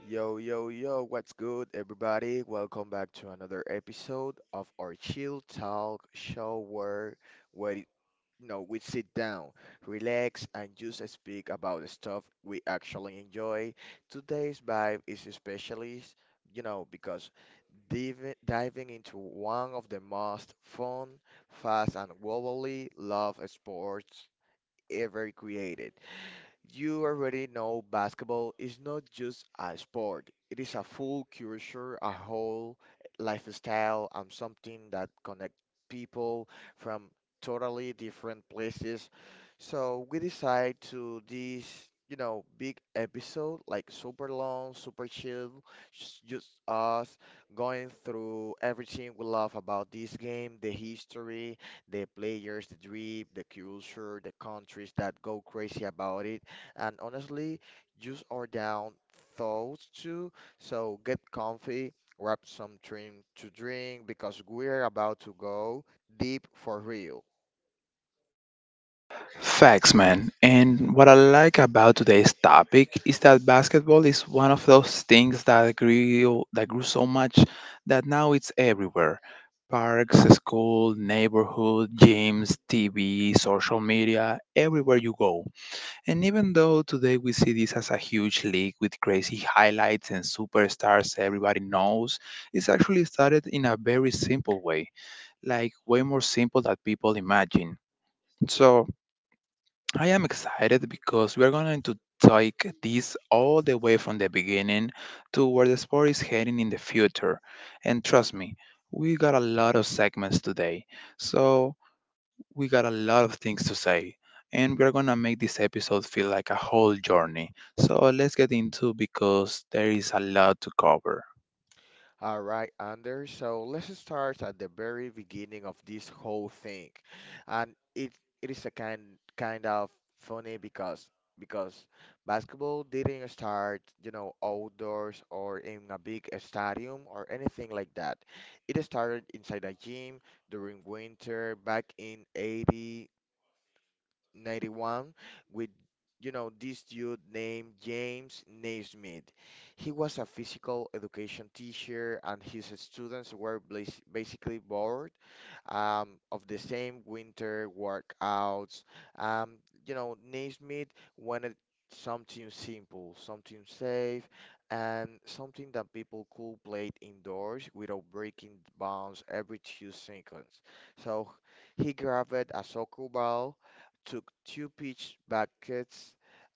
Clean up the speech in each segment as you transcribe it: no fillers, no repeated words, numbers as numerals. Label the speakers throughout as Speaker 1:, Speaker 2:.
Speaker 1: Yo, yo, yo, what's good, everybody? Welcome back to another episode of our Chill Talk show where we sit down, relax, and just speak about the stuff we actually enjoy. Today's vibe is especially because diving into one of the most fun, fast, and globally loved sports ever created. You already know basketball is not just a sport, it is a full culture, a whole lifestyle, and something that connects people from totally different places. So we decide to this big episode, like super long, super chill, just us going through everything we love about this game, the history, the players, the drip, the culture, the countries that go crazy about it, and honestly, just our down thoughts too. So get comfy, grab some drink to drink because we're about to go deep for real.
Speaker 2: Facts, man. And what I like about today's topic is that basketball is one of those things that grew so much that now it's everywhere. Parks, school, neighborhood, gyms, TV, social media, everywhere you go. And even though today we see this as a huge league with crazy highlights and superstars everybody knows, it's actually started in a very simple way, like way more simple than people imagine. So I am excited because we're going to take this all the way from the beginning to where the sport is heading in the future. And trust me, we got a lot of segments today. So we got a lot of things to say. And we're going to make this episode feel like a whole journey. So let's get into because there is a lot to cover.
Speaker 1: All right, Anders. So let's start at the very beginning of this whole thing. And it is a kind kind of funny because basketball didn't start outdoors or in a big stadium or anything like that. It started inside a gym during winter back in 80 91 with this dude named James Naismith. He was a physical education teacher and his students were basically bored of the same winter workouts. Um, Naismith wanted something simple, something safe, and something that people could play indoors without breaking the bounds every 2 seconds. So he grabbed a soccer ball, took two pitch buckets,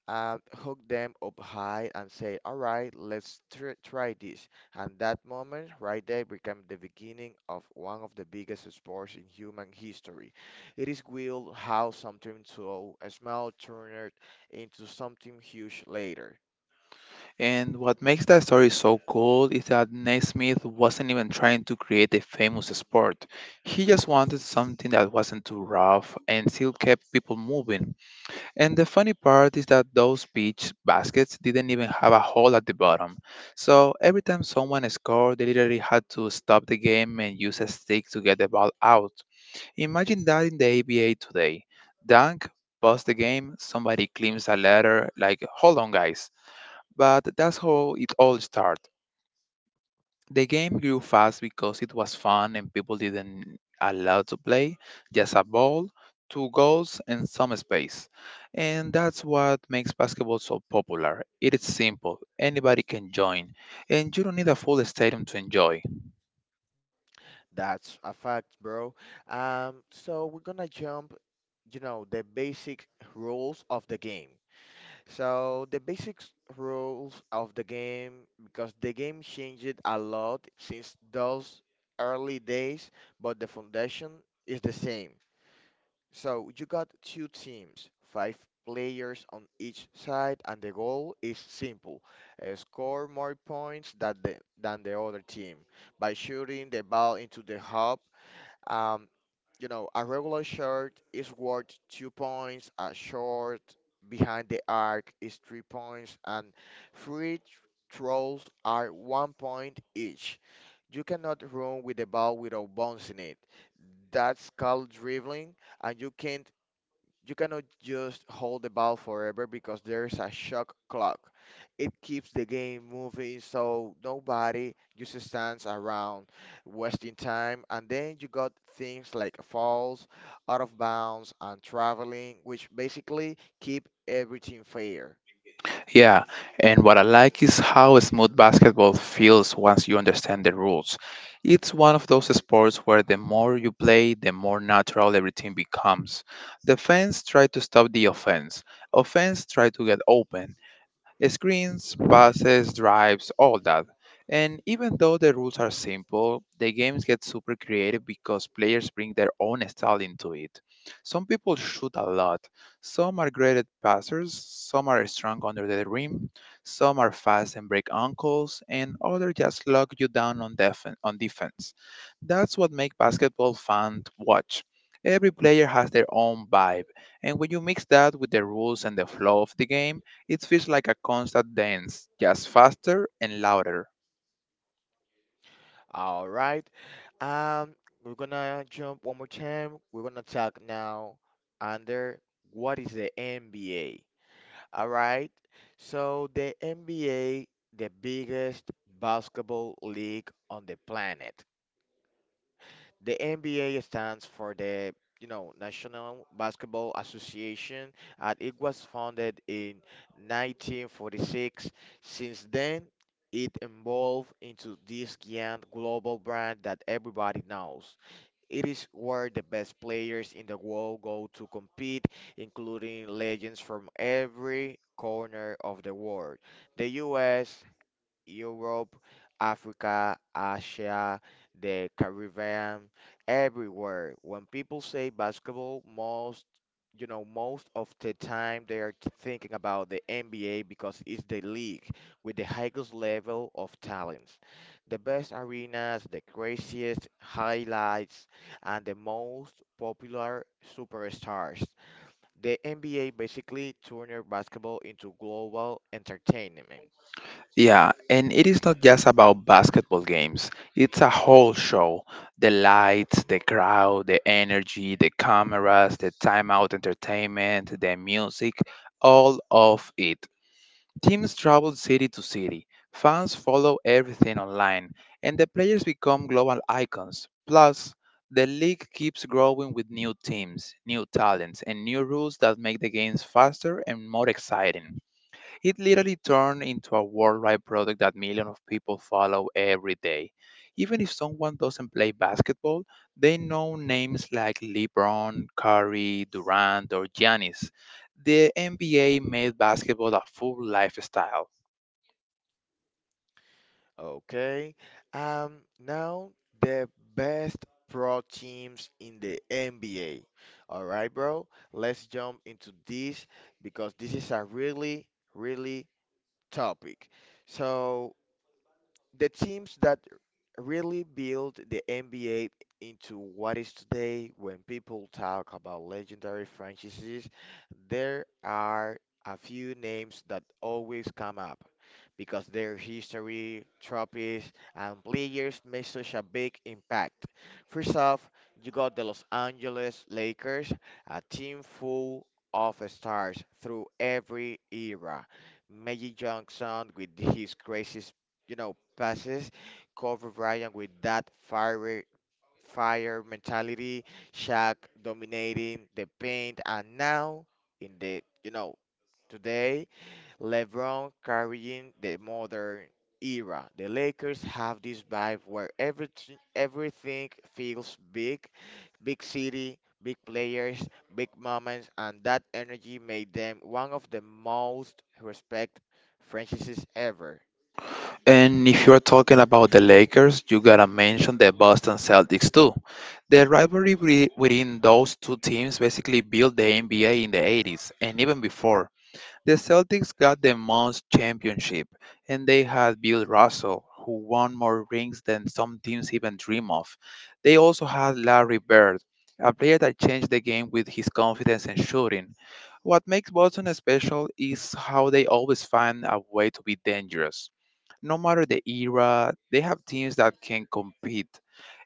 Speaker 1: and hooked them up high and said, "All right, let's tr try this." And that moment right there became the beginning of one of the biggest sports in human history. It is wild how something so small turned into something huge later.
Speaker 2: And what makes that story so cool is that Naismith wasn't even trying to create a famous sport. He just wanted something that wasn't too rough and still kept people moving. And the funny part is that those beach baskets didn't even have a hole at the bottom. So every time someone scored, they literally had to stop the game and use a stick to get the ball out. Imagine that in the ABA today. Dunk, pause the game, somebody climbs a ladder, like, hold on, guys, but that's how it all started. The game grew fast because it was fun and people didn't allow to play just a ball, two goals, and some space. And that's what makes basketball so popular. It is simple, anybody can join, and you don't need a full stadium to enjoy.
Speaker 1: That's a fact, bro. So we're gonna jump the basic rules of the game. So the basic rules of the game, because the game changed a lot since those early days, but the foundation is the same. So you got two teams, five players on each side, and the goal is simple: score more points than the other team by shooting the ball into the hub. Um, a regular shot is worth 2 points. A shot behind the arc is 3 points, and free throws are 1 point each. You cannot run with the ball without bouncing it. That's called dribbling, and you cannot just hold the ball forever because there's a shot clock. It keeps the game moving so nobody just stands around wasting time. And then you got things like fouls, out of bounds, and traveling, which basically keep everything fair.
Speaker 2: Yeah, and what I like is how smooth basketball feels once you understand the rules. It's one of those sports where the more you play, the more natural everything becomes. Defense try to stop the offense. Offense try to get open. Screens, passes, drives, all that. And even though the rules are simple, the games get super creative because players bring their own style into it. Some people shoot a lot. Some are great at passers, some are strong under the rim, some are fast and break ankles, and others just lock you down on, on defense. That's what makes basketball fun to watch. Every player has their own vibe, and when you mix that with the rules and the flow of the game, it feels like a constant dance, just faster and louder.
Speaker 1: All right. Um, we're gonna jump one more time. We're gonna talk now under what is the NBA? All right. So the NBA, the biggest basketball league on the planet. The NBA stands for the National Basketball Association, and it was founded in 1946. Since then, it evolved into this giant global brand that everybody knows. It is where the best players in the world go to compete, including legends from every corner of the world. The US, Europe, Africa, Asia, the Caribbean, everywhere. When people say basketball, most of the time they are thinking about the NBA because it's the league with the highest level of talents, the best arenas, the craziest highlights, and the most popular superstars. The NBA basically turned basketball into global entertainment.
Speaker 2: Yeah, and it is not just about basketball games. It's a whole show. The lights, the crowd, the energy, the cameras, the timeout entertainment, the music, all of it. Teams travel city to city, fans follow everything online, and the players become global icons. Plus, the league keeps growing with new teams, new talents, and new rules that make the games faster and more exciting. It literally turned into a worldwide product that millions of people follow every day. Even if someone doesn't play basketball, they know names like LeBron, Curry, Durant, or Giannis. The NBA made basketball a full lifestyle.
Speaker 1: Okay. Now the best pro teams in the NBA. All right, bro. Let's jump into this because this is a really topic. So the teams that really built the NBA into what is today, when people talk about legendary franchises, there are a few names that always come up because their history, trophies, and players made such a big impact. First off, you got the Los Angeles Lakers, a team full of stars through every era. Magic Johnson with his crazy passes. Kobe Bryant with that fire mentality, Shaq dominating the paint, and now in the you know today LeBron carrying the modern era. The Lakers have this vibe where everything feels big, big city. Big players, big moments, and that energy made them one of the most respected franchises ever.
Speaker 2: And if you're talking about the Lakers, you gotta mention the Boston Celtics too. The rivalry within those two teams basically built the NBA in the 80s and even before. The Celtics got the most championship, and they had Bill Russell, who won more rings than some teams even dream of. They also had Larry Bird, a player that changed the game with his confidence and shooting. What makes Boston special is how they always find a way to be dangerous no matter the era, they have teams that can compete.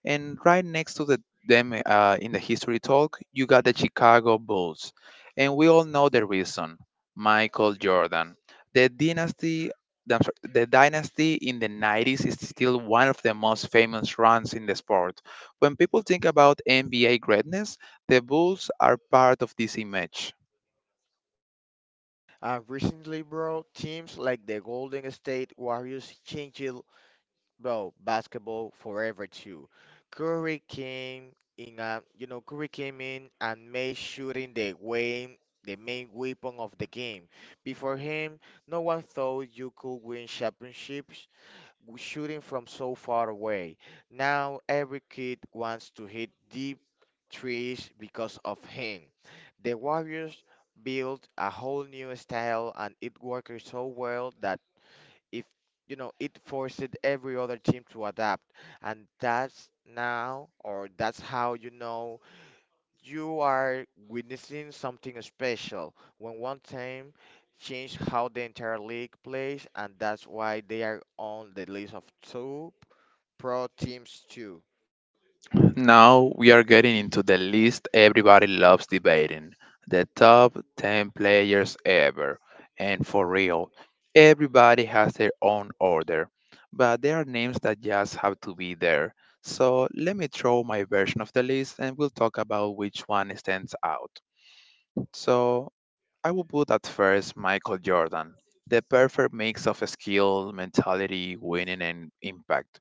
Speaker 2: And right next to them, in the history talk, you got the Chicago Bulls. And we all know the reason: Michael Jordan. The dynasty. The dynasty in the 90s is still one of the most famous runs in the sport. When people think about NBA greatness, the Bulls are part of this image.
Speaker 1: And recently, bro, teams like the Golden State Warriors changed, bro, basketball forever too. Curry came in, you know, Curry came in and made shooting the way the main weapon of the game. Before him, no one thought you could win championships shooting from so far away. Now every kid wants to hit deep trees because of him. The Warriors built a whole new style and it worked so well that if you know it forced every other team to adapt, and that's now or that's how you are witnessing something special when one team changed how the entire league plays, and that's why they are on the list of two pro teams too.
Speaker 2: Now we are getting into the list everybody loves debating: the top 10 players ever. And for real, everybody has their own order, but there are names that just have to be there. So let me throw my version of the list and we'll talk about which one stands out. So I would put at first Michael Jordan, the perfect mix of skill, mentality, winning, and impact.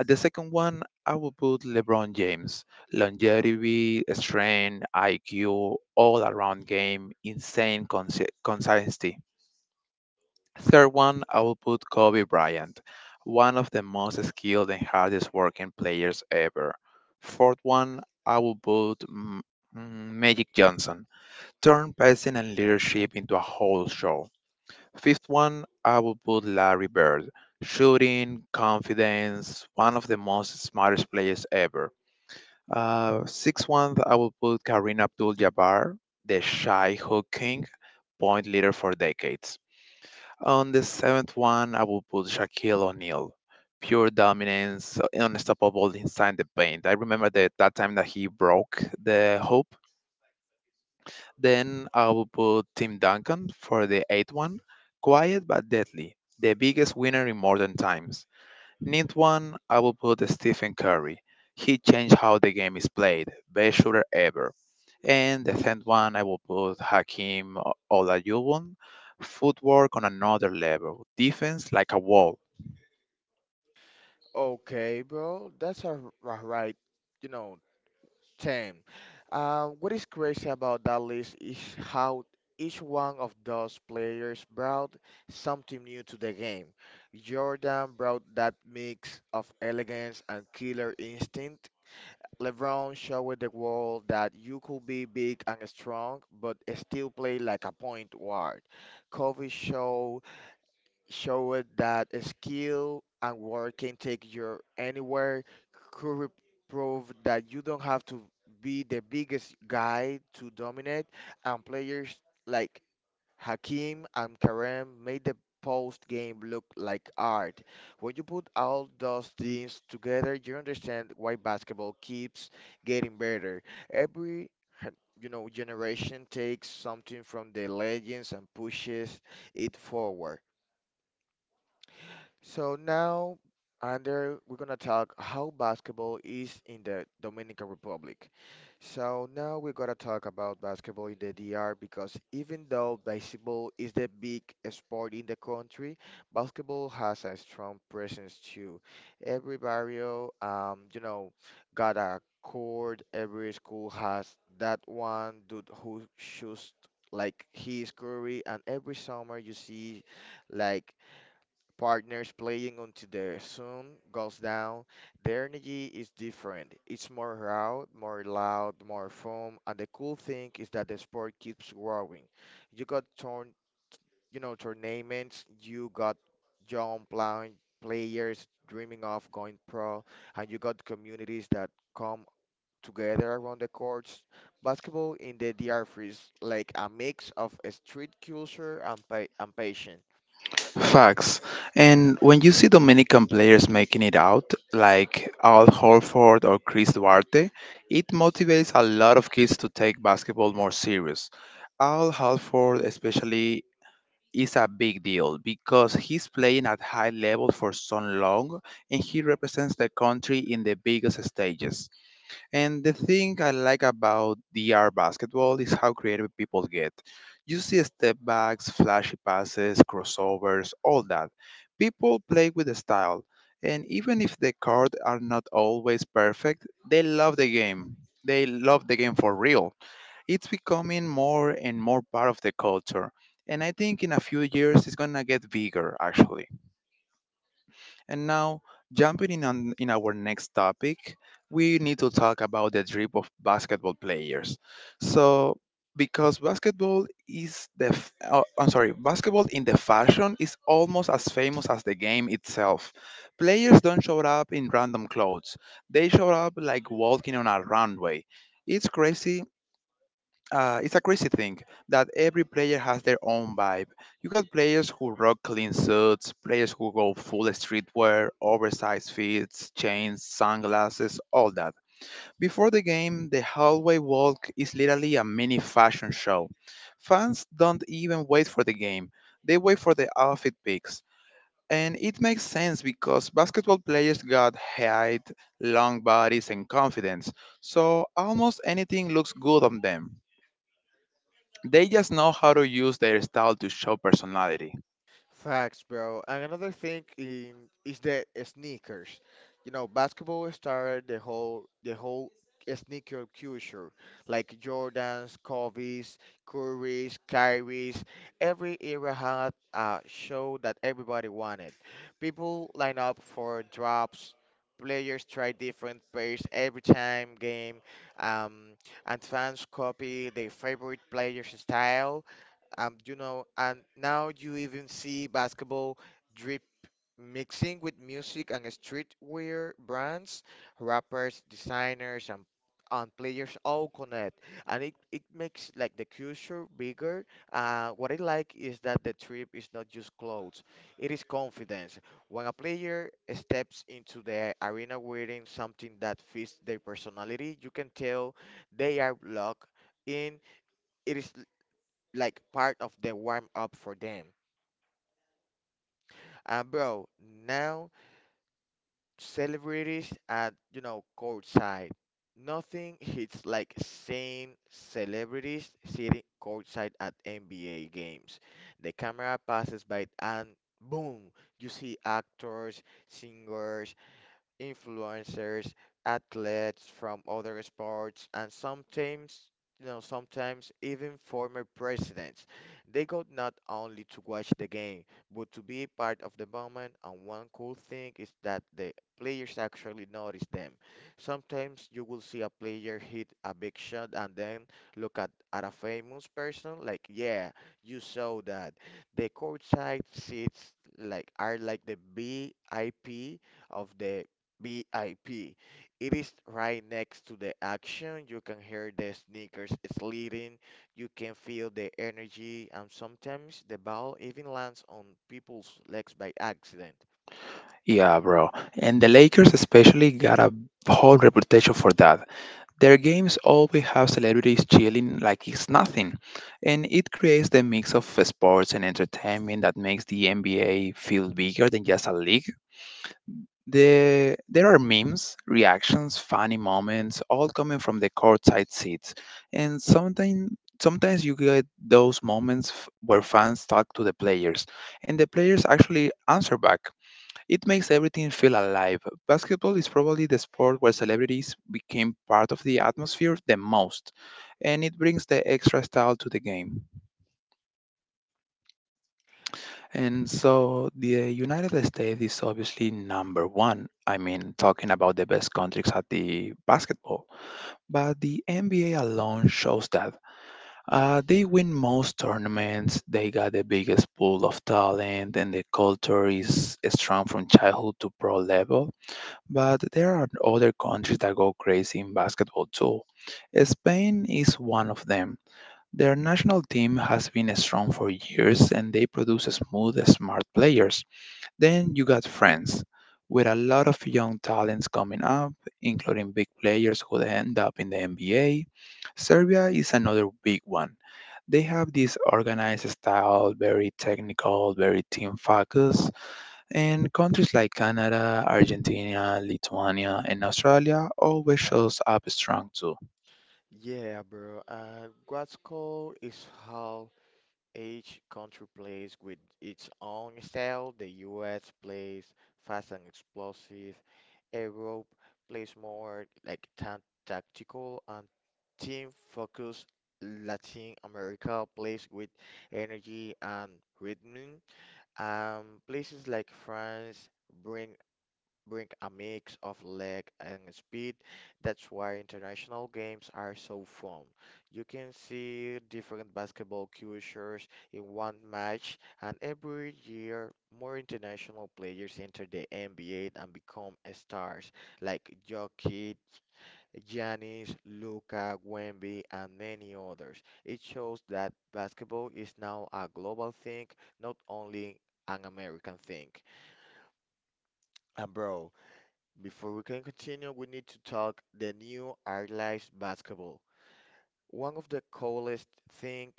Speaker 2: At the second one, I would put LeBron James, longevity, strength, IQ, all around game, insane consistency. Third one, I will put Kobe Bryant, one of the most skilled and hardest working players ever. Fourth one, I will put Magic Johnson, turn passing and leadership into a whole show. Fifth one, I would put Larry Bird. Shooting, confidence, one of the most smartest players ever. Sixth one, I would put Kareem Abdul-Jabbar, the shy hook king, point leader for decades. On the seventh one, I will put Shaquille O'Neal. Pure dominance, unstoppable inside the paint. I remember that time that he broke the hoop. Then I will put Tim Duncan for the eighth one. Quiet but deadly, the biggest winner in modern times. Ninth one, I will put Stephen Curry. He changed how the game is played, best shooter ever. And the tenth one, I will put Hakim Olajuwon. Footwork on another level, defense like a wall.
Speaker 1: Okay, bro, that's a right, you know 10. What is crazy about that list is how each one of those players brought something new to the game. Jordan brought that mix of elegance and killer instinct. LeBron showed the world that you could be big and strong, but still play like a point guard. Kobe showed that skill and work can take you anywhere. Curry proved that you don't have to be the biggest guy to dominate, and players like Hakim and Kareem made the post game look like art. When you put all those things together, you understand why basketball keeps getting better. Every generation takes something from the legends and pushes it forward. So now, under we're gonna talk how basketball is in the Dominican Republic. So now we're gonna talk about basketball in the DR because even though baseball is the big sport in the country, basketball has a strong presence too. Every barrio, got a court. Every school has that one dude who shoots like he is Curry, and every summer you see. like Partners playing until the sun goes down. The energy is different. It's more raw, more loud, more fun, and the cool thing is that the sport keeps growing. You got tournaments, you got young players dreaming of going pro, and you got communities that come together around the courts. Basketball in the DR is like a mix of street culture and passion.
Speaker 2: Facts. And when you see Dominican players making it out, like Al Holford or Chris Duarte, it motivates a lot of kids to take basketball more serious. Al Holford especially is a big deal because he's playing at high level for so long and he represents the country in the biggest stages. And the thing I like about D.R. basketball is how creative people get. You see step backs, flashy passes, crossovers, all that. People play with style, and even if the cards are not always perfect, they love the game. They love the game for real. It's becoming more and more part of the culture, and I think in a few years it's gonna get bigger actually. And now, jumping in on in our next topic, we need to talk about the drip of basketball players. So, because basketball is the f- oh, I'm sorry, basketball in the fashion is almost as famous as the game itself. Players don't show up in random clothes. They show up like walking on a runway. It's crazy it's a crazy thing that every player has their own vibe. You got players who rock clean suits, players who go full streetwear, oversized fits, chains, sunglasses, all that. Before the game, the hallway walk is literally a mini fashion show. Fans don't even wait for the game, they wait for the outfit picks. And it makes sense because basketball players got height, long bodies, and confidence, so almost anything looks good on them. They just know how to use their style to show personality.
Speaker 1: Facts, bro. And another thing in, is the sneakers. You know, basketball started the whole sneaker culture, like Jordans, Kobe's, Curry's, Kyrie's. Every era had a show that everybody wanted. People line up for drops. Players try different pairs every time game, um, and fans copy their favorite player's style, and now you even see basketball drip mixing with music and streetwear brands, rappers, designers, and players all connect, and it makes like the culture bigger. What I like is that the trip is not just clothes; it is confidence. When a player steps into the arena wearing something that fits their personality, you can tell they are locked in. It is like part of the warm up for them. And bro, now celebrities at courtside. Nothing hits like seeing celebrities sitting courtside at NBA games. The camera passes by and boom, you see actors, singers, influencers, athletes from other sports, and sometimes even former presidents. They go not only to watch the game, but to be part of the moment. And one cool thing is that the players actually notice them. Sometimes you will see a player hit a big shot and then look at a famous person like, yeah, you saw that. The courtside seats are like the VIP of the BIP. It is right next to the action. You can hear the sneakers sliding. You can feel the energy, and sometimes the ball even lands on people's legs by accident.
Speaker 2: Yeah, bro. And the Lakers especially got a whole reputation for that. Their games always have celebrities chilling like it's nothing. And it creates the mix of sports and entertainment that makes the NBA feel bigger than just a league. The, there are memes, reactions, funny moments, all coming from the courtside seats. And sometimes you get those moments where fans talk to the players, and the players actually answer back. It makes everything feel alive. Basketball is probably the sport where celebrities became part of the atmosphere the most, and it brings the extra style to the game. And so the United States is obviously number one. I mean, talking about the best countries at the basketball. But the NBA alone shows that. They win most tournaments, they got the biggest pool of talent, and the culture is strong from childhood to pro level. But there are other countries that go crazy in basketball too. Spain is one of them. Their national team has been strong for years and they produce smooth, smart players. Then you got France, with a lot of young talents coming up, including big players who end up in the NBA. Serbia is another big one. They have this organized style, very technical, very team focused, and countries like Canada, Argentina, Lithuania, and Australia always shows up strong too.
Speaker 1: Yeah, bro. What's cool is how each country plays with its own style. The US plays fast and explosive. Europe plays more like tactical and team focused. Latin America plays with energy and rhythm. Places like France bring a mix of leg and speed. That's why international games are so fun. You can see different basketball cultures in one match, and every year more international players enter the NBA and become stars like Jokic, Giannis, Luka, Wemby, and many others. It shows that basketball is now a global thing, not only an American thing. And bro, before we can continue, we need to talk the new Art Lives basketball. One of the coolest thing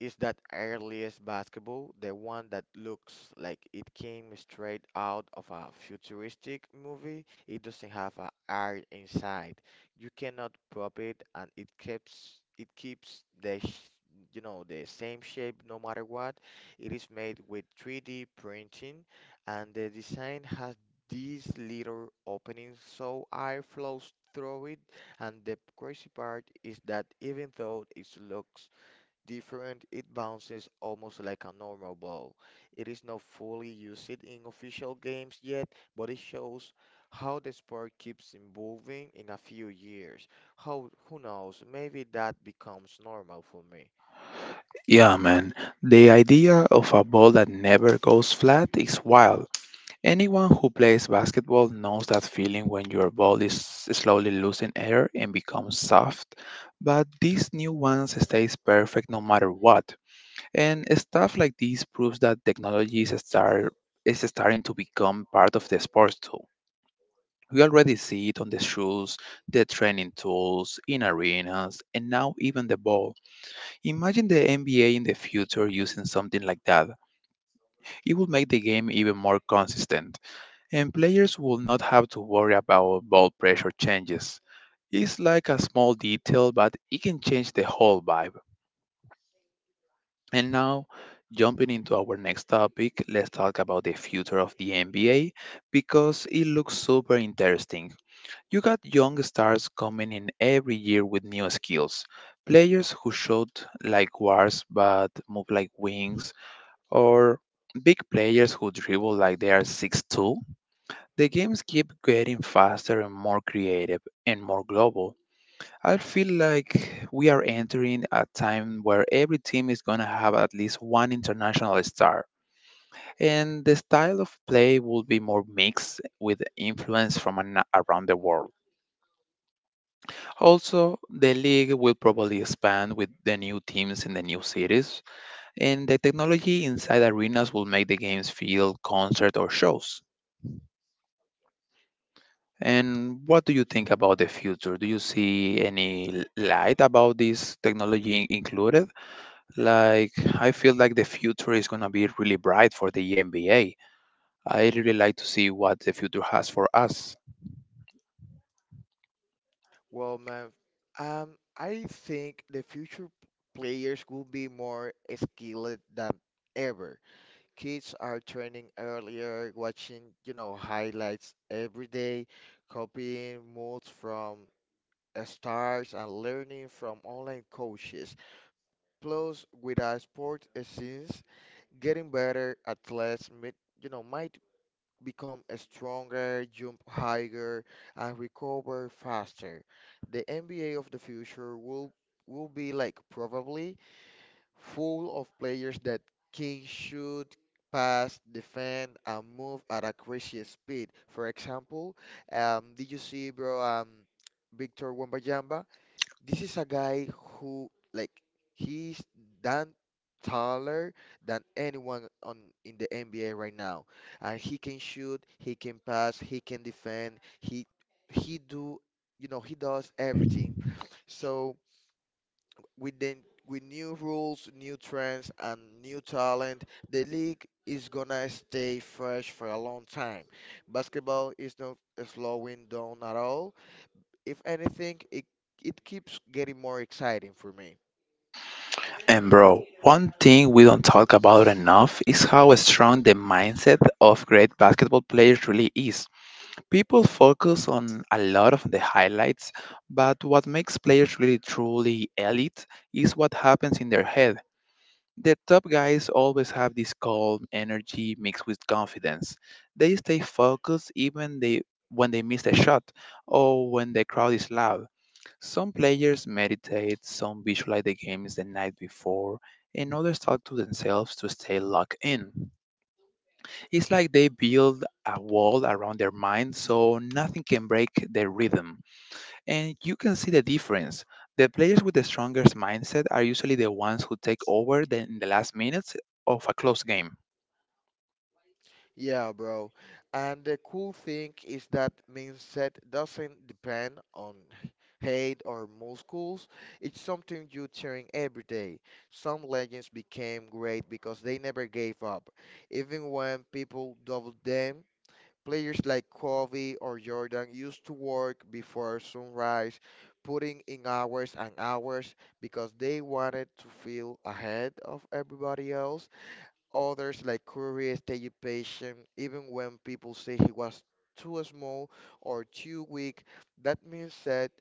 Speaker 1: is that earliest basketball, the one that looks like it came straight out of a futuristic movie. It doesn't have a heart inside. You cannot pop it, and it keeps the sh- you know the same shape no matter what. It is made with 3D printing, and the design has these little openings so air flows through it, and the crazy part is that even though it looks different, it bounces almost like a normal ball. It is not fully used in official games yet, but it shows how the sport keeps evolving in a few years. How, who knows, maybe that becomes normal for me.
Speaker 2: Yeah, man. The idea of a ball that never goes flat is wild. Anyone who plays basketball knows that feeling when your ball is slowly losing air and becomes soft, but this new one stays perfect no matter what. And stuff like this proves that is starting to become part of the sports too. We already see it on the shoes, the training tools, in arenas, and now even the ball. Imagine the NBA in the future using something like that. It would make the game even more consistent and players will not have to worry about ball pressure changes. It's like a small detail, but it can change the whole vibe. And now, jumping into our next topic, let's talk about the future of the NBA because it looks super interesting. You got young stars coming in every year with new skills. Players who shot like guards but move like wings, or big players who dribble like they are 6'2". The games keep getting faster and more creative and more global. I feel like We are entering a time where every team is going to have at least one international star, and the style of play will be more mixed with influence from around the world. Also, the league will probably expand with the new teams in the new cities, and the technology inside arenas will make the games feel concert or shows. And what do you think about the future? Do you see any light about this technology included? I feel like the future is going to be really bright for the NBA. I really like to see what the future has for us.
Speaker 1: Well, man, I think the future players will be more skilled than ever. Kids are training earlier, watching, highlights every day, copying moves from stars and learning from online coaches. Plus, with our sport since getting better, athletes might, might become stronger, jump higher, and recover faster. The NBA of the future will be like probably full of players that can shoot, pass, defend, and move at a crazy speed. For example, did you see, bro, Victor Wembanyama? This is a guy who, like, he's done taller than anyone on in the NBA right now. And he can shoot, he can pass, he can defend, he do, you know, he does everything. So with the with new rules, new trends, and new talent, the league is gonna stay fresh for a long time. Basketball is not slowing down at all. If anything, it keeps getting more exciting for me.
Speaker 2: And, bro, one thing we don't talk about enough is how strong the mindset of great basketball players really is. People focus on a lot of the highlights, but what makes players really truly elite is what happens in their head. The top guys always have this calm energy mixed with confidence. They stay focused even they when they miss a shot or when the crowd is loud. Some players meditate, some visualize the games the night before, and others talk to themselves to stay locked in. It's like they build a wall around their mind so nothing can break their rhythm. And you can see the difference. The players with the strongest mindset are usually the ones who take over in the last minutes of a close game.
Speaker 1: Yeah, bro. And the cool thing is that mindset doesn't depend on hate or muscles. It's something you cheering every day. Some legends became great because they never gave up. Even when people doubled them, players like Kobe or Jordan used to work before sunrise, putting in hours and hours because they wanted to feel ahead of everybody else. Others, like Curry, stayed patient even when people say he was too small or too weak. That means that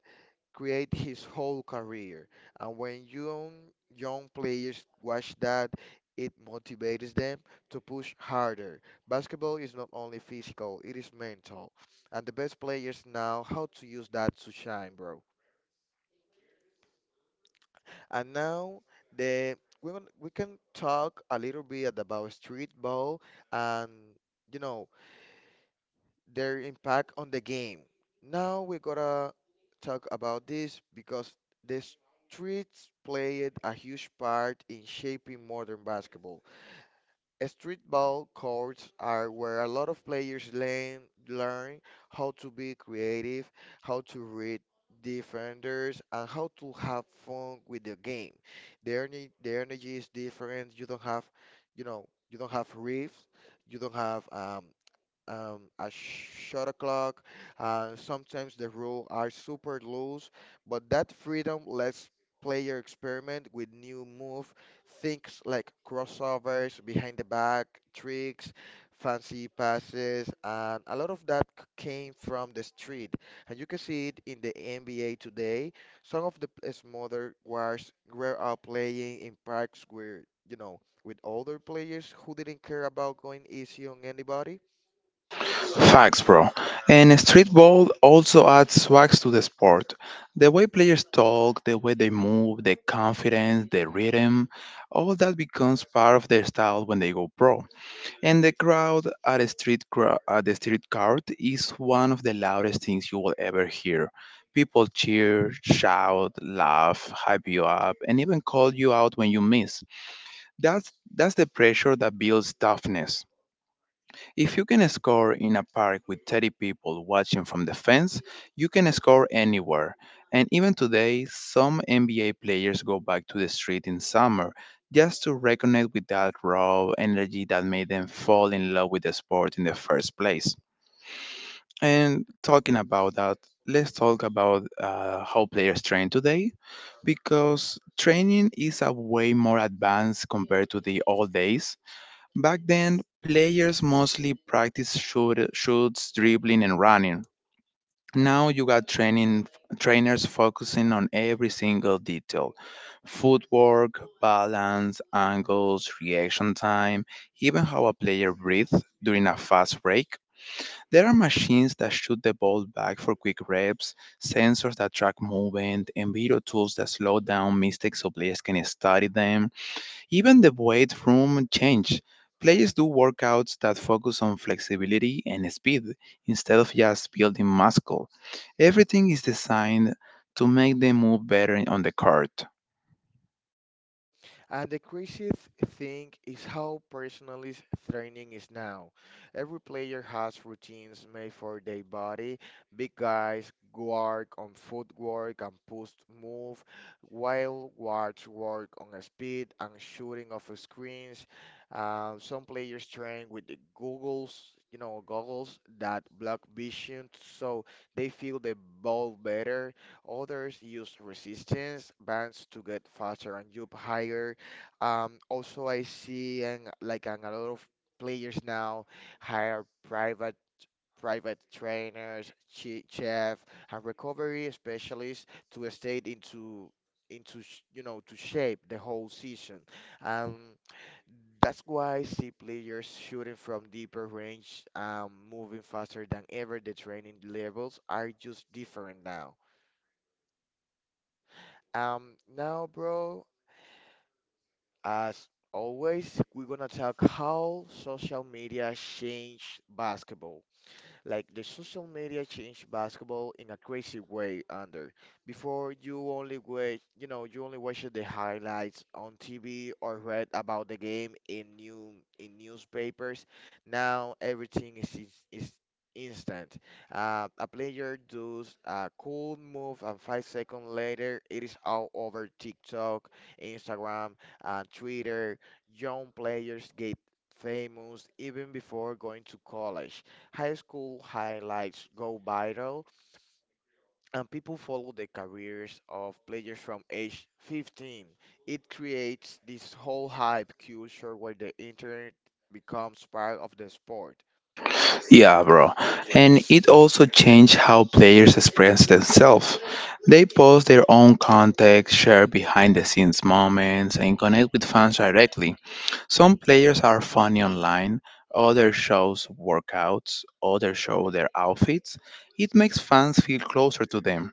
Speaker 1: create his whole career. And when young players watch that, it motivates them to push harder. Basketball is not only physical, it is mental. And the best players know how to use that to shine, bro. And now the we can talk a little bit about street ball and you know their impact on the game. Now we gotta talk about this because the streets played a huge part in shaping modern basketball. Street ball courts are where a lot of players learn how to be creative, how to read defenders, and how to have fun with the game. The energy is different. You don't have refs, you don't have a shot o'clock. Sometimes the rules are super loose, but that freedom lets player experiment with new move, things like crossovers, behind the back tricks, fancy passes, and a lot of that came from the street. And you can see it in the NBA today. Some of the smaller guards were out playing in parks where, with older players who didn't care about going easy on anybody.
Speaker 2: Facts, bro. And streetball also adds wax to the sport. The way players talk, the way they move, the confidence, the rhythm, all that becomes part of their style when they go pro. And the crowd at a at the street court is one of the loudest things you will ever hear. People cheer, shout, laugh, hype you up, and even call you out when you miss. That's the pressure that builds toughness. If you can score in a park with 30 people watching from the fence, you can score anywhere. And even today, some NBA players go back to the street in summer just to reconnect with that raw energy that made them fall in love with the sport in the first place. And talking about that, let's talk about how players train today because training is a way more advanced compared to the old days. Back then, players mostly practiced shoots, dribbling, and running. Now you got training trainers focusing on every single detail: footwork, balance, angles, reaction time, even how a player breathes during a fast break. There are machines that shoot the ball back for quick reps, sensors that track movement, and video tools that slow down mistakes so players can study them. Even the weight room changed. Players do workouts that focus on flexibility and speed instead of just building muscle. Everything is designed to make them move better on the court.
Speaker 1: And the craziest thing is how personalized training is now. Every player has routines made for their body. Big guys work on footwork and post move, while guards work on speed and shooting off screens. Some players train with the goggles, goggles that block vision so they feel the ball better. Others use resistance bands to get faster and jump higher. Also, I see and like and a lot of players now hire private trainers, chef, and recovery specialists to stay into sh- you know to shape the whole season. Um, that's why I see players shooting from deeper range, moving faster than ever. The training levels are just different now. Now, bro, as always, we're gonna talk how social media changed basketball, like the social media changed basketball in a crazy way. Under Before, you only wait you know you only watched the highlights on TV or read about the game in newspapers. Now everything is instant. A player does a cool move and 5 seconds later it is all over TikTok, Instagram, and Twitter. Young players get famous even before going to college. High school highlights go viral, and people follow the careers of players from age 15. It creates this whole hype culture where the internet becomes part of the sport.
Speaker 2: Yeah, bro. And it also changed how players express themselves. They post their own context, share behind the scenes moments, and connect with fans directly. Some players are funny online, others shows workouts, others show their outfits. It makes fans feel closer to them.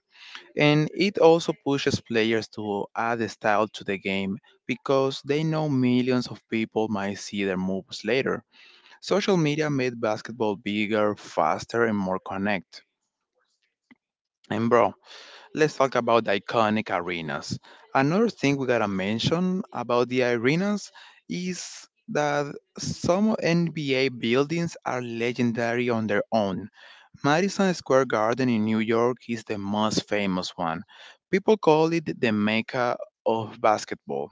Speaker 2: And it also pushes players to add a style to the game because they know millions of people might see their moves later. Social media made basketball bigger, faster, and more connect. And bro, let's talk about the iconic arenas. Another thing we gotta mention about the arenas is that some NBA buildings are legendary on their own. Madison Square Garden in New York is the most famous one. People call it the mecca of basketball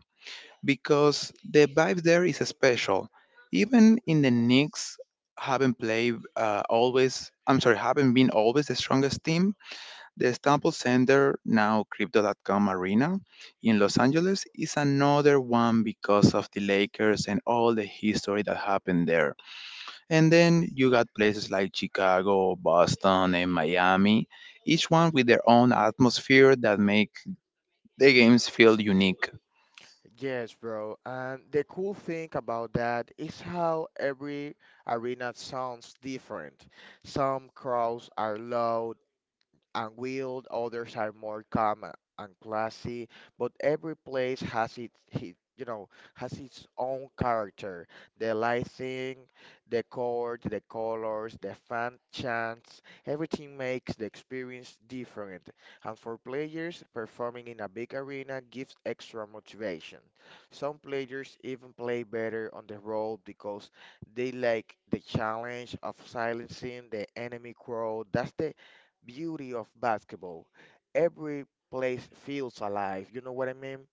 Speaker 2: because the vibe there is special. Even in the Knicks haven't played always, I'm sorry, haven't been always the strongest team. The Staples Center, now Crypto.com Arena in Los Angeles, is another one because of the Lakers and all the history that happened there. And then you got places like Chicago, Boston, and Miami, each one with their own atmosphere that make the games feel unique.
Speaker 1: Yes, bro. And the cool thing about that is how every arena sounds different. Some crowds are loud and wild, others are more calm and classy, but every place has its, hi- you know, has its own character. The lighting, the court, the colors, the fan chants, everything makes the experience different. And for players, performing in a big arena gives extra motivation. Some players even play better on the road because they like the challenge of silencing the enemy crowd. That's the beauty of basketball. Every place feels alive. You know what I mean?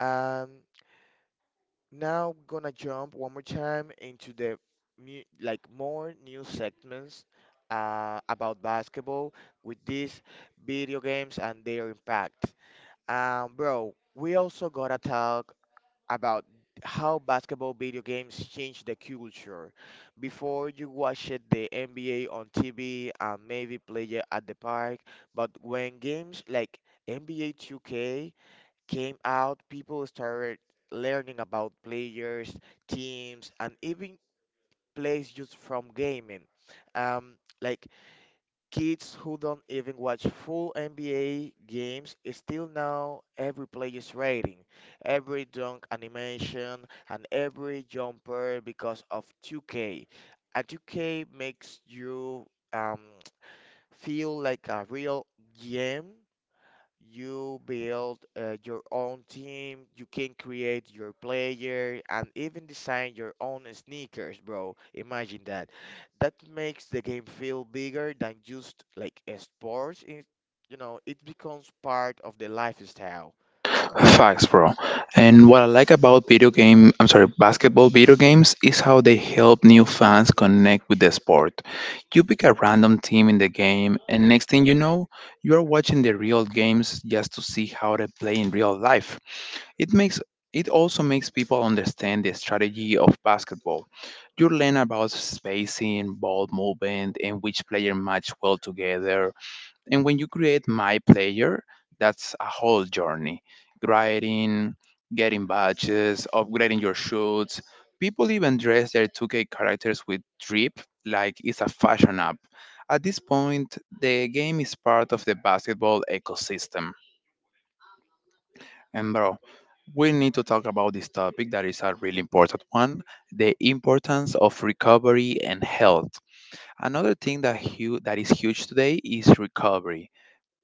Speaker 1: Um, Now gonna jump one more time into the like more new segments about basketball with these video games and their impact. Bro, we also gotta talk about how basketball video games change the culture. Before, you watched the NBA on TV and maybe play it at the park, but when games like NBA 2K came out, people started learning about players, teams, and even plays just from gaming. Um, like Kids who don't even watch full NBA games still know every player's rating, every dunk animation, and every jumper because of 2K. A 2K makes you um, feel like a real GM. You build your own team, you can create your player, and even design your own sneakers, bro. Imagine that. That makes the game feel bigger than just like a sport. It becomes part of the lifestyle.
Speaker 2: Facts, bro. And what I like about I'm sorry, basketball video games is how they help new fans connect with the sport. You pick a random team in the game, and next thing you know, you are watching the real games just to see how they play in real life. It makes it also makes people understand the strategy of basketball. You learn about spacing, ball movement, and which player match well together. And when you create My Player, that's a whole journey grinding, getting badges, upgrading your shoots. People even dress their 2K characters with drip like it's a fashion app. At this point, the game is part of the basketball ecosystem. And bro, we need to talk about this topic that is a really important one, the importance of recovery and health. Another thing that, that is huge today is recovery.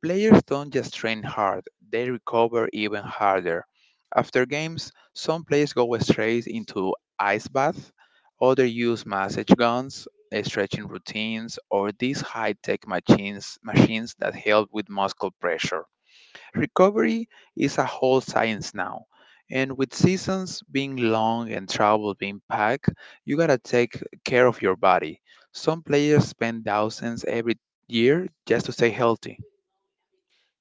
Speaker 2: Players don't just train hard, they recover even harder. After games, some players go straight into ice bath, others use massage guns, stretching routines, or these high-tech machines that help with muscle pressure. Recovery is a whole science now. And with seasons being long and travel being packed, you gotta take care of your body. Some players spend thousands every year just to stay healthy.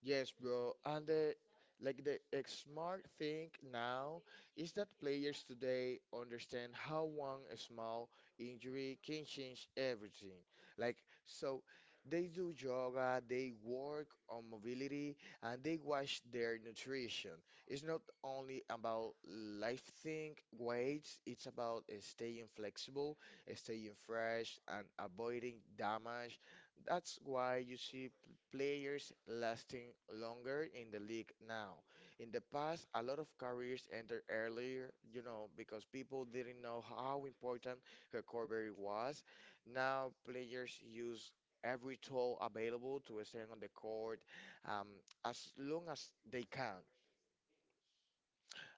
Speaker 1: Yes, bro. And the like the smart thing now is that players today understand how one small injury can change everything. Like, so they do yoga, they work on mobility, and they watch their nutrition. It's not only about lifting weights, it's about staying flexible, staying fresh, and avoiding damage. That's why you see players lasting longer in the league now. In the past, a lot of careers ended earlier, you know, because people didn't know how important recovery was. Now, players use every tool available to stay on the court um, as long as they can.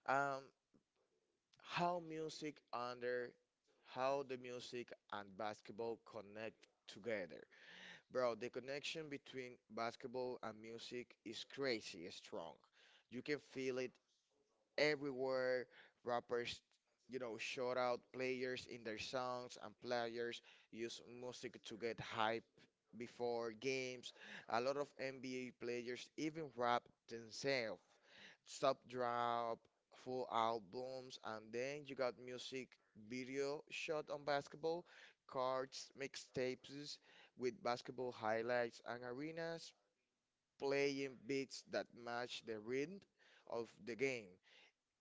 Speaker 1: Um, how music under how the music and basketball connect together. Bro, the connection between basketball and music is crazy strong. You can feel it everywhere. Rappers, shout out players in their songs, and players use music to get hype before games. A lot of NBA players even rap themselves sub drop, full albums, and then you got music video shot on basketball, cards, mixtapes with basketball highlights, and arenas playing beats that match the rhythm of the game.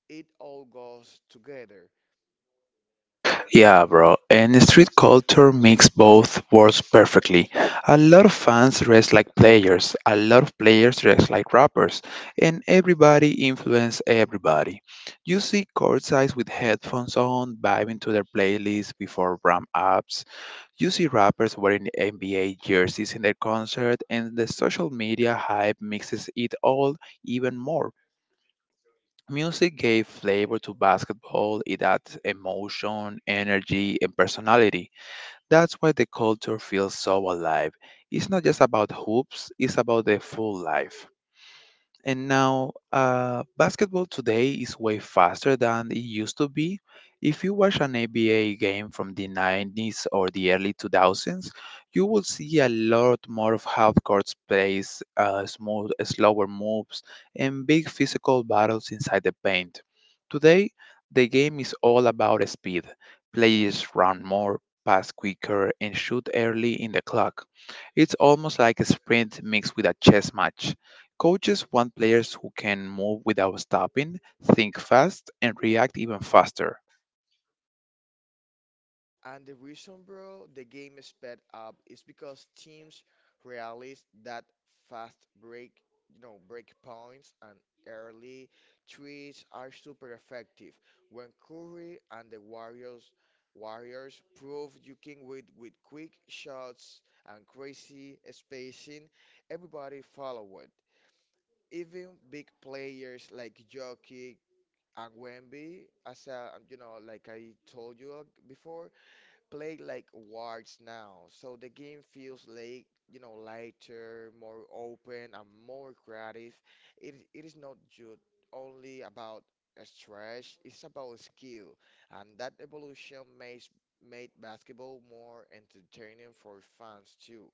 Speaker 1: It all goes together.
Speaker 2: Yeah, bro. And street culture makes both worlds perfectly. A lot of fans dress like players, a lot of players dress like rappers, and everybody influences everybody. You see courtsides with headphones on, vibing to their playlists before ramp ups. You see rappers wearing NBA jerseys in their concert, and the social media hype mixes it all even more. Music gave flavor to basketball. It adds emotion, energy, and personality. That's why the culture feels so alive. It's not just about hoops, it's about the full life. And now, basketball today is way faster than it used to be. If you watch an NBA game from the 90s or the early 2000s, you will see a lot more of half-court space, smooth, slower moves, and big physical battles inside the paint. Today, the game is all about speed. Players run more, pass quicker, and shoot early in the clock. It's almost like a sprint mixed with a chess match. Coaches want players who can move without stopping, think fast, and react even faster.
Speaker 1: And the reason, bro, the game is sped up is because teams realize that fast break, break points and early threes are super effective. When Curry and the Warriors proved you can win with quick shots and crazy spacing, everybody followed. Even big players like Jokic and Wemby, as I told you before, play like Wards now. So the game feels like, you know, lighter, more open, and more creative. It is not just only about a stretch, it's about skill. And that evolution makes made basketball more entertaining for fans too.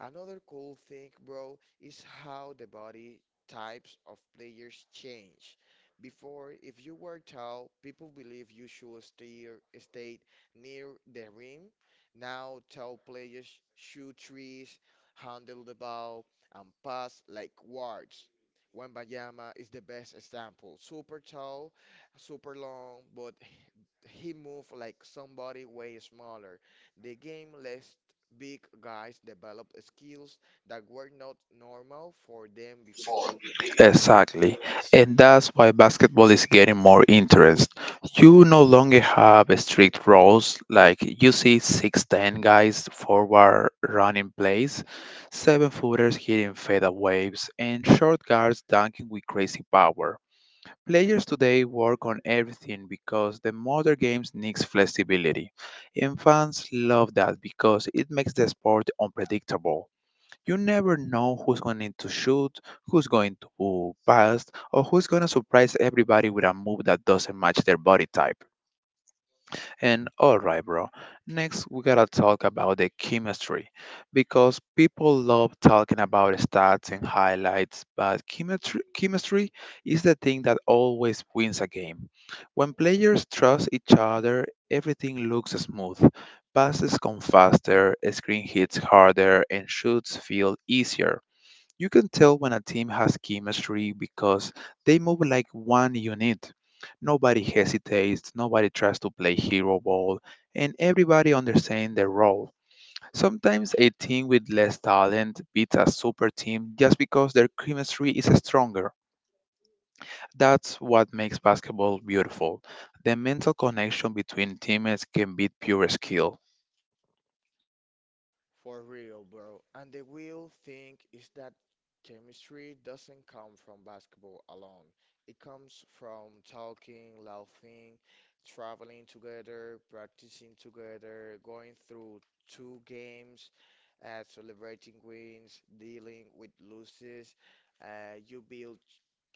Speaker 1: Another cool thing, bro, is how the body types of players change. Before, if you were tall, people believe you should stay near the rim. Now, tall players shoot threes, handle the ball, and pass like guards. Wembanyama is the best example. Super tall, super long, but he moved like somebody way smaller. The game less. Big guys develop skills that were not normal for them before.
Speaker 2: Exactly. And that's why basketball is getting more interest. You no longer have strict rules like you see 6'10" guys forward running plays, 7 footers hitting fadeaways, and short guards dunking with crazy power. Players today work on everything because the modern games needs flexibility. And fans love that because it makes the sport unpredictable. You never know who's going to shoot, who's going to pass, or who's going to surprise everybody with a move that doesn't match their body type. And alright, bro, next we gotta talk about the chemistry because people love talking about stats and highlights, but chemistry is the thing that always wins a game. When players trust each other, everything looks smooth. Passes come faster, screen hits harder, and shoots feel easier. You can tell when a team has chemistry because they move like one unit. Nobody hesitates, nobody tries to play hero ball, and everybody understands their role. Sometimes a team with less talent beats a super team just because their chemistry is stronger. That's what makes basketball beautiful. The mental connection between teammates can beat pure skill.
Speaker 1: For real, bro. And the real thing is that chemistry doesn't come from basketball alone. It comes from talking, laughing, traveling together, practicing together, going through two games, celebrating wins, dealing with losses. You build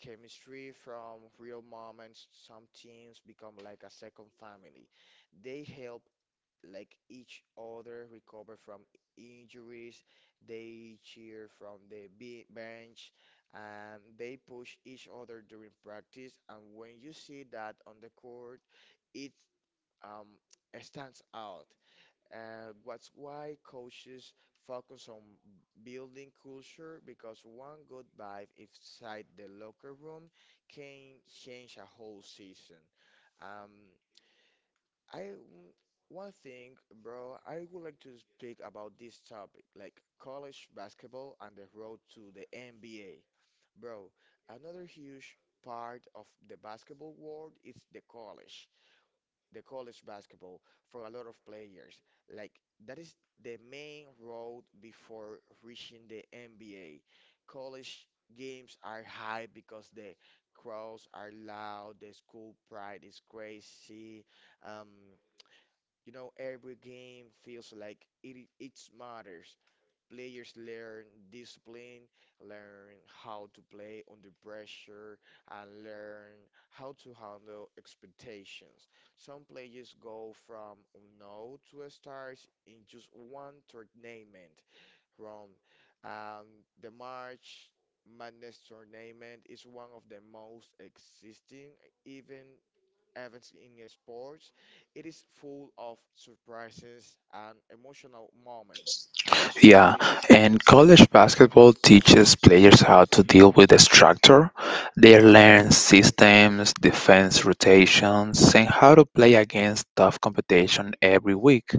Speaker 1: chemistry from real moments. Some teams become like a second family. They help like each other recover from injuries. They cheer from the bench and they push each other during practice. And when you see that on the court, it um, stands out. What's why coaches focus on building culture because one good vibe inside the locker room can change a whole season. Um, I One thing, bro, I would like to speak about this topic, like college basketball and the road to the NBA. Bro, another huge part of the basketball world is the college basketball for a lot of players. Like, that is the main road before reaching the NBA. College games are high because the crowds are loud, the school pride is crazy. Um, every game feels like it matters. Players learn discipline, learn how to play under pressure, and learn how to handle expectations. Some players go from no to a stars in just one tournament. From um, the March Madness tournament is one of the most existing even events in sports. It is full of surprises and emotional moments.
Speaker 2: Yeah, and college basketball teaches players how to deal with the structure. They learn systems, defense rotations, and how to play against tough competition every week.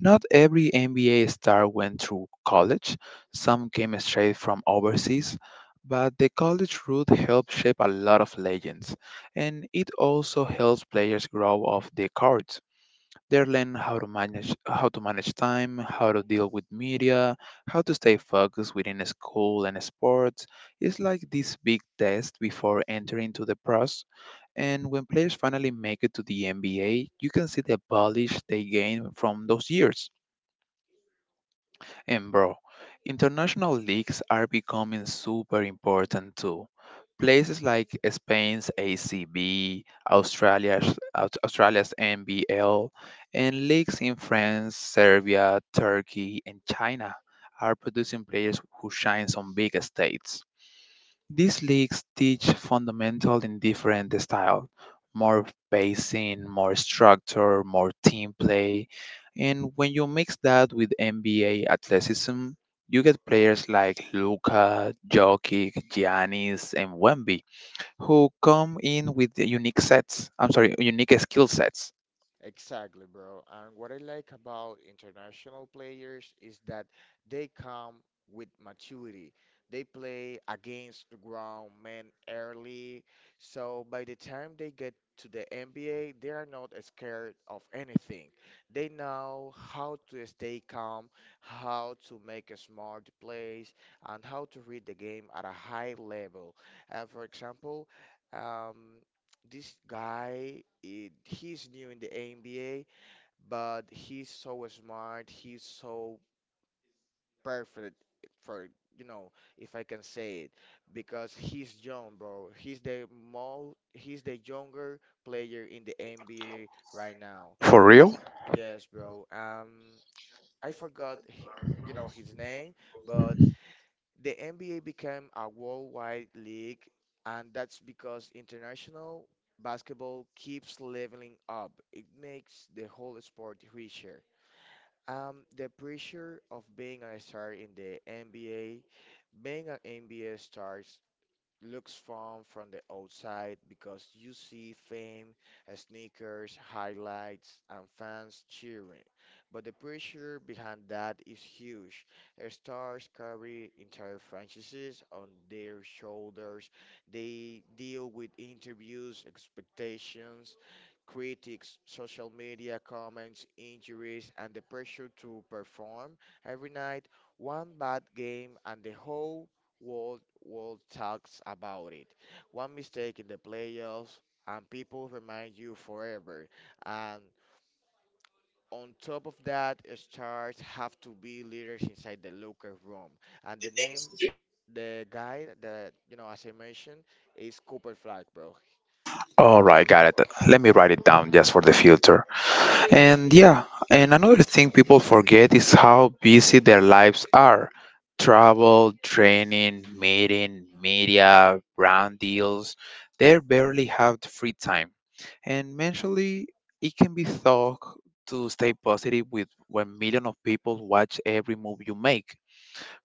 Speaker 2: Not every NBA star went through college, some came straight from overseas. But the college route helped shape a lot of legends, and it also helps players grow off the court. They learn how to manage time, how to deal with media, how to stay focused within school and sports. It's like this big test before entering to the pros. And when players finally make it to the NBA, you can see the polish they gain from those years. And bro, international leagues are becoming super important too. Places like Spain's ACB, Australia's NBL, and leagues in France, Serbia, Turkey, and China are producing players who shine on big stages. These leagues teach fundamental in different style, more pacing, more structure, more team play. And when you mix that with NBA athleticism, you get players like Luka, Jokic, Giannis, and Wemby who come in with unique sets. I'm sorry, unique skill sets.
Speaker 1: Exactly, bro. And what I like about international players is that they come with maturity. They play against the ground men early, so by the time they get to the NBA, they are not scared of anything. They know how to stay calm, how to make a smart plays, and how to read the game at a high level. For example, um, this guy he's new in the NBA, but he's so smart, he's so perfect for you know, if I can say it, because he's young, bro. He's the younger player in the NBA right now.
Speaker 2: For real?
Speaker 1: Yes, bro. I forgot you know his name, but the NBA became a worldwide league, and that's because international basketball keeps leveling up. It makes the whole sport richer. The pressure of being a star in the NBA, being an NBA star looks fun from the outside because you see fame, sneakers, highlights, and fans cheering. But the pressure behind that is huge. Stars carry entire franchises on their shoulders. They deal with interviews, expectations, critics, social media comments, injuries, and the pressure to perform every night. One bad game, and the whole World talks about it. One mistake in the playoffs and people remind you forever. And on top of that, stars have to be leaders inside the locker room. And the name, the guy that you know, as I mentioned, is Cooper Flag, bro.
Speaker 2: All right, got it. Let me write it down just for the future. And yeah, and another thing people forget is how busy their lives are. Travel, training, meeting, media, brand deals, they barely have the free time. And mentally, it can be tough to stay positive with when millions of people watch every move you make.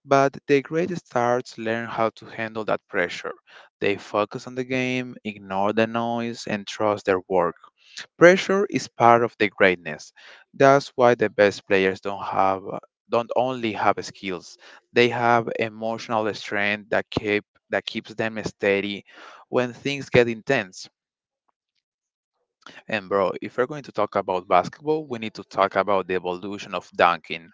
Speaker 2: But the great stars learn how to handle that pressure. They focus on the game, ignore the noise, and trust their work. Pressure is part of the greatness. That's why the best players don't only have skills. They have emotional strength that keep that keeps them steady when things get intense. And bro, if we're going to talk about basketball, we need to talk about the evolution of dunking.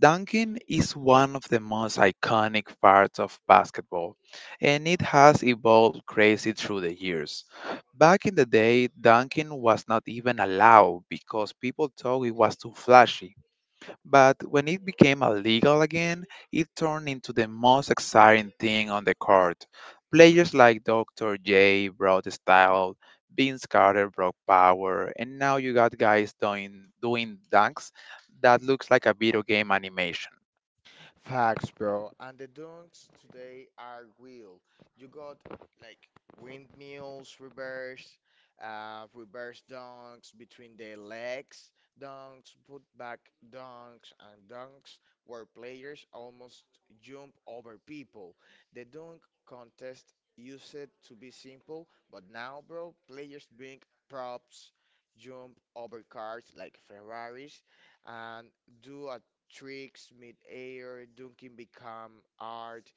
Speaker 2: Dunking is one of the most iconic parts of basketball, and it has evolved crazy through the years. Back in the day, dunking was not even allowed because people thought it was too flashy. But when it became illegal again, it turned into the most exciting thing on the court. Players like Dr. J brought style, Vince Carter brought power, and now you got guys doing dunks that looks like a video game animation.
Speaker 1: Facts, bro. And the dunks today are real. You got like windmills, reverse, reverse dunks between the legs, dunks, put back dunks, and dunks where players almost jump over people. The dunk contest used to be simple, but now, bro, players bring props, jump over cars like Ferraris, and do a tricks mid-air, dunking become art,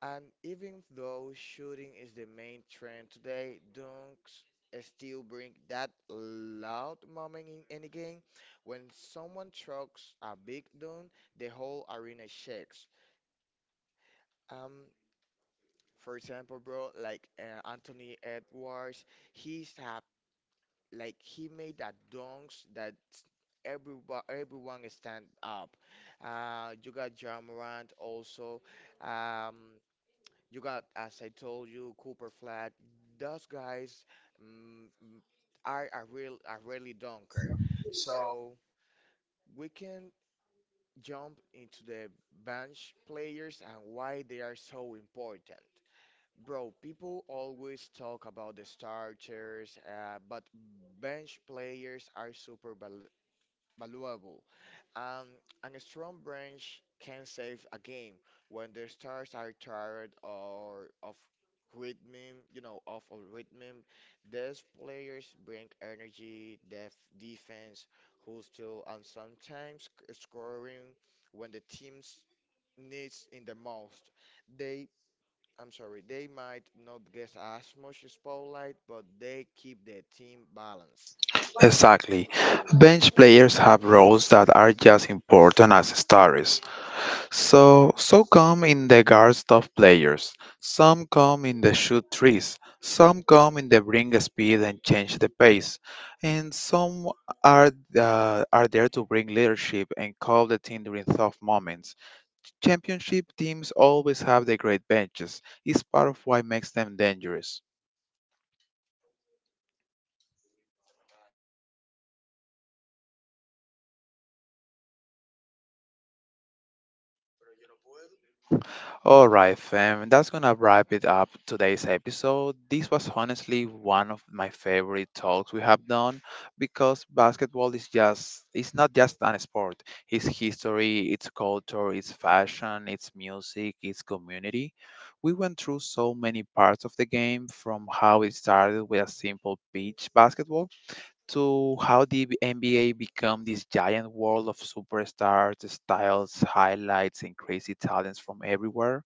Speaker 1: and even though shooting is the main trend today, dunks still bring that loud moment in any game. When someone chucks a big dunk, the whole arena shakes. Um, for example, bro, like Anthony Edwards, he's a he made a dance that everyone stand up. You got Ja Morant also. Um, you got, as I told you, Cooper Flag. Those guys mm, mm, are a real a really dunker. So we can jump into the bench players and why they are so important. Bro, people always talk about the starters, but bench players are super valuable. Um, and a strong bench can save a game when the stars are tired or of rhythm, you know, off of rhythm. These players bring energy, defense, hustle, and sometimes scoring when the team needs in the most. They they might not get as much spotlight, but they keep their team balanced.
Speaker 2: Exactly. Bench players have roles that are just important as stars. So come in the guards of players, some come in the shoot trees, some come in the bring speed and change the pace, and some are are there to bring leadership and call the team during tough moments. Championship teams always have the great benches. It's part of what makes them dangerous. All right, fam, that's gonna wrap it up today's episode. This was honestly one of my favorite talks we have done because basketball is just it's not just an sport. It's history, it's culture, it's fashion, it's music, it's community. We went through so many parts of the game from how it started with a simple beach basketball to how the NBA became this giant world of superstars, styles, highlights, and crazy talents from everywhere.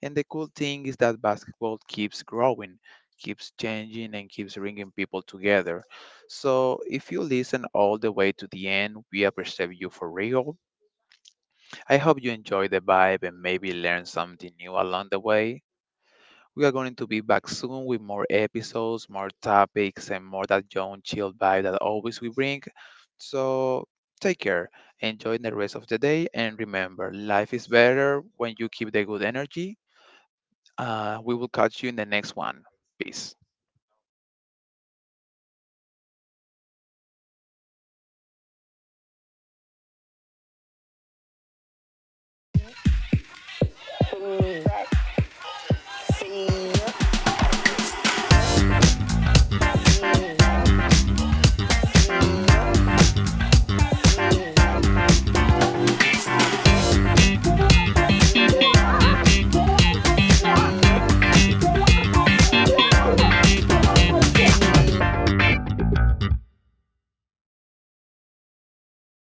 Speaker 2: And the cool thing is that basketball keeps growing, keeps changing, and keeps bringing people together. So if you listen all the way to the end, we appreciate you for real. I hope you enjoy the vibe and maybe learn something new along the way. We are going to be back soon with more episodes, more topics, and more that young chill vibe that always we bring. So take care, enjoy the rest of the day, and remember, life is better when you keep the good energy we will catch you in the next one. Peace.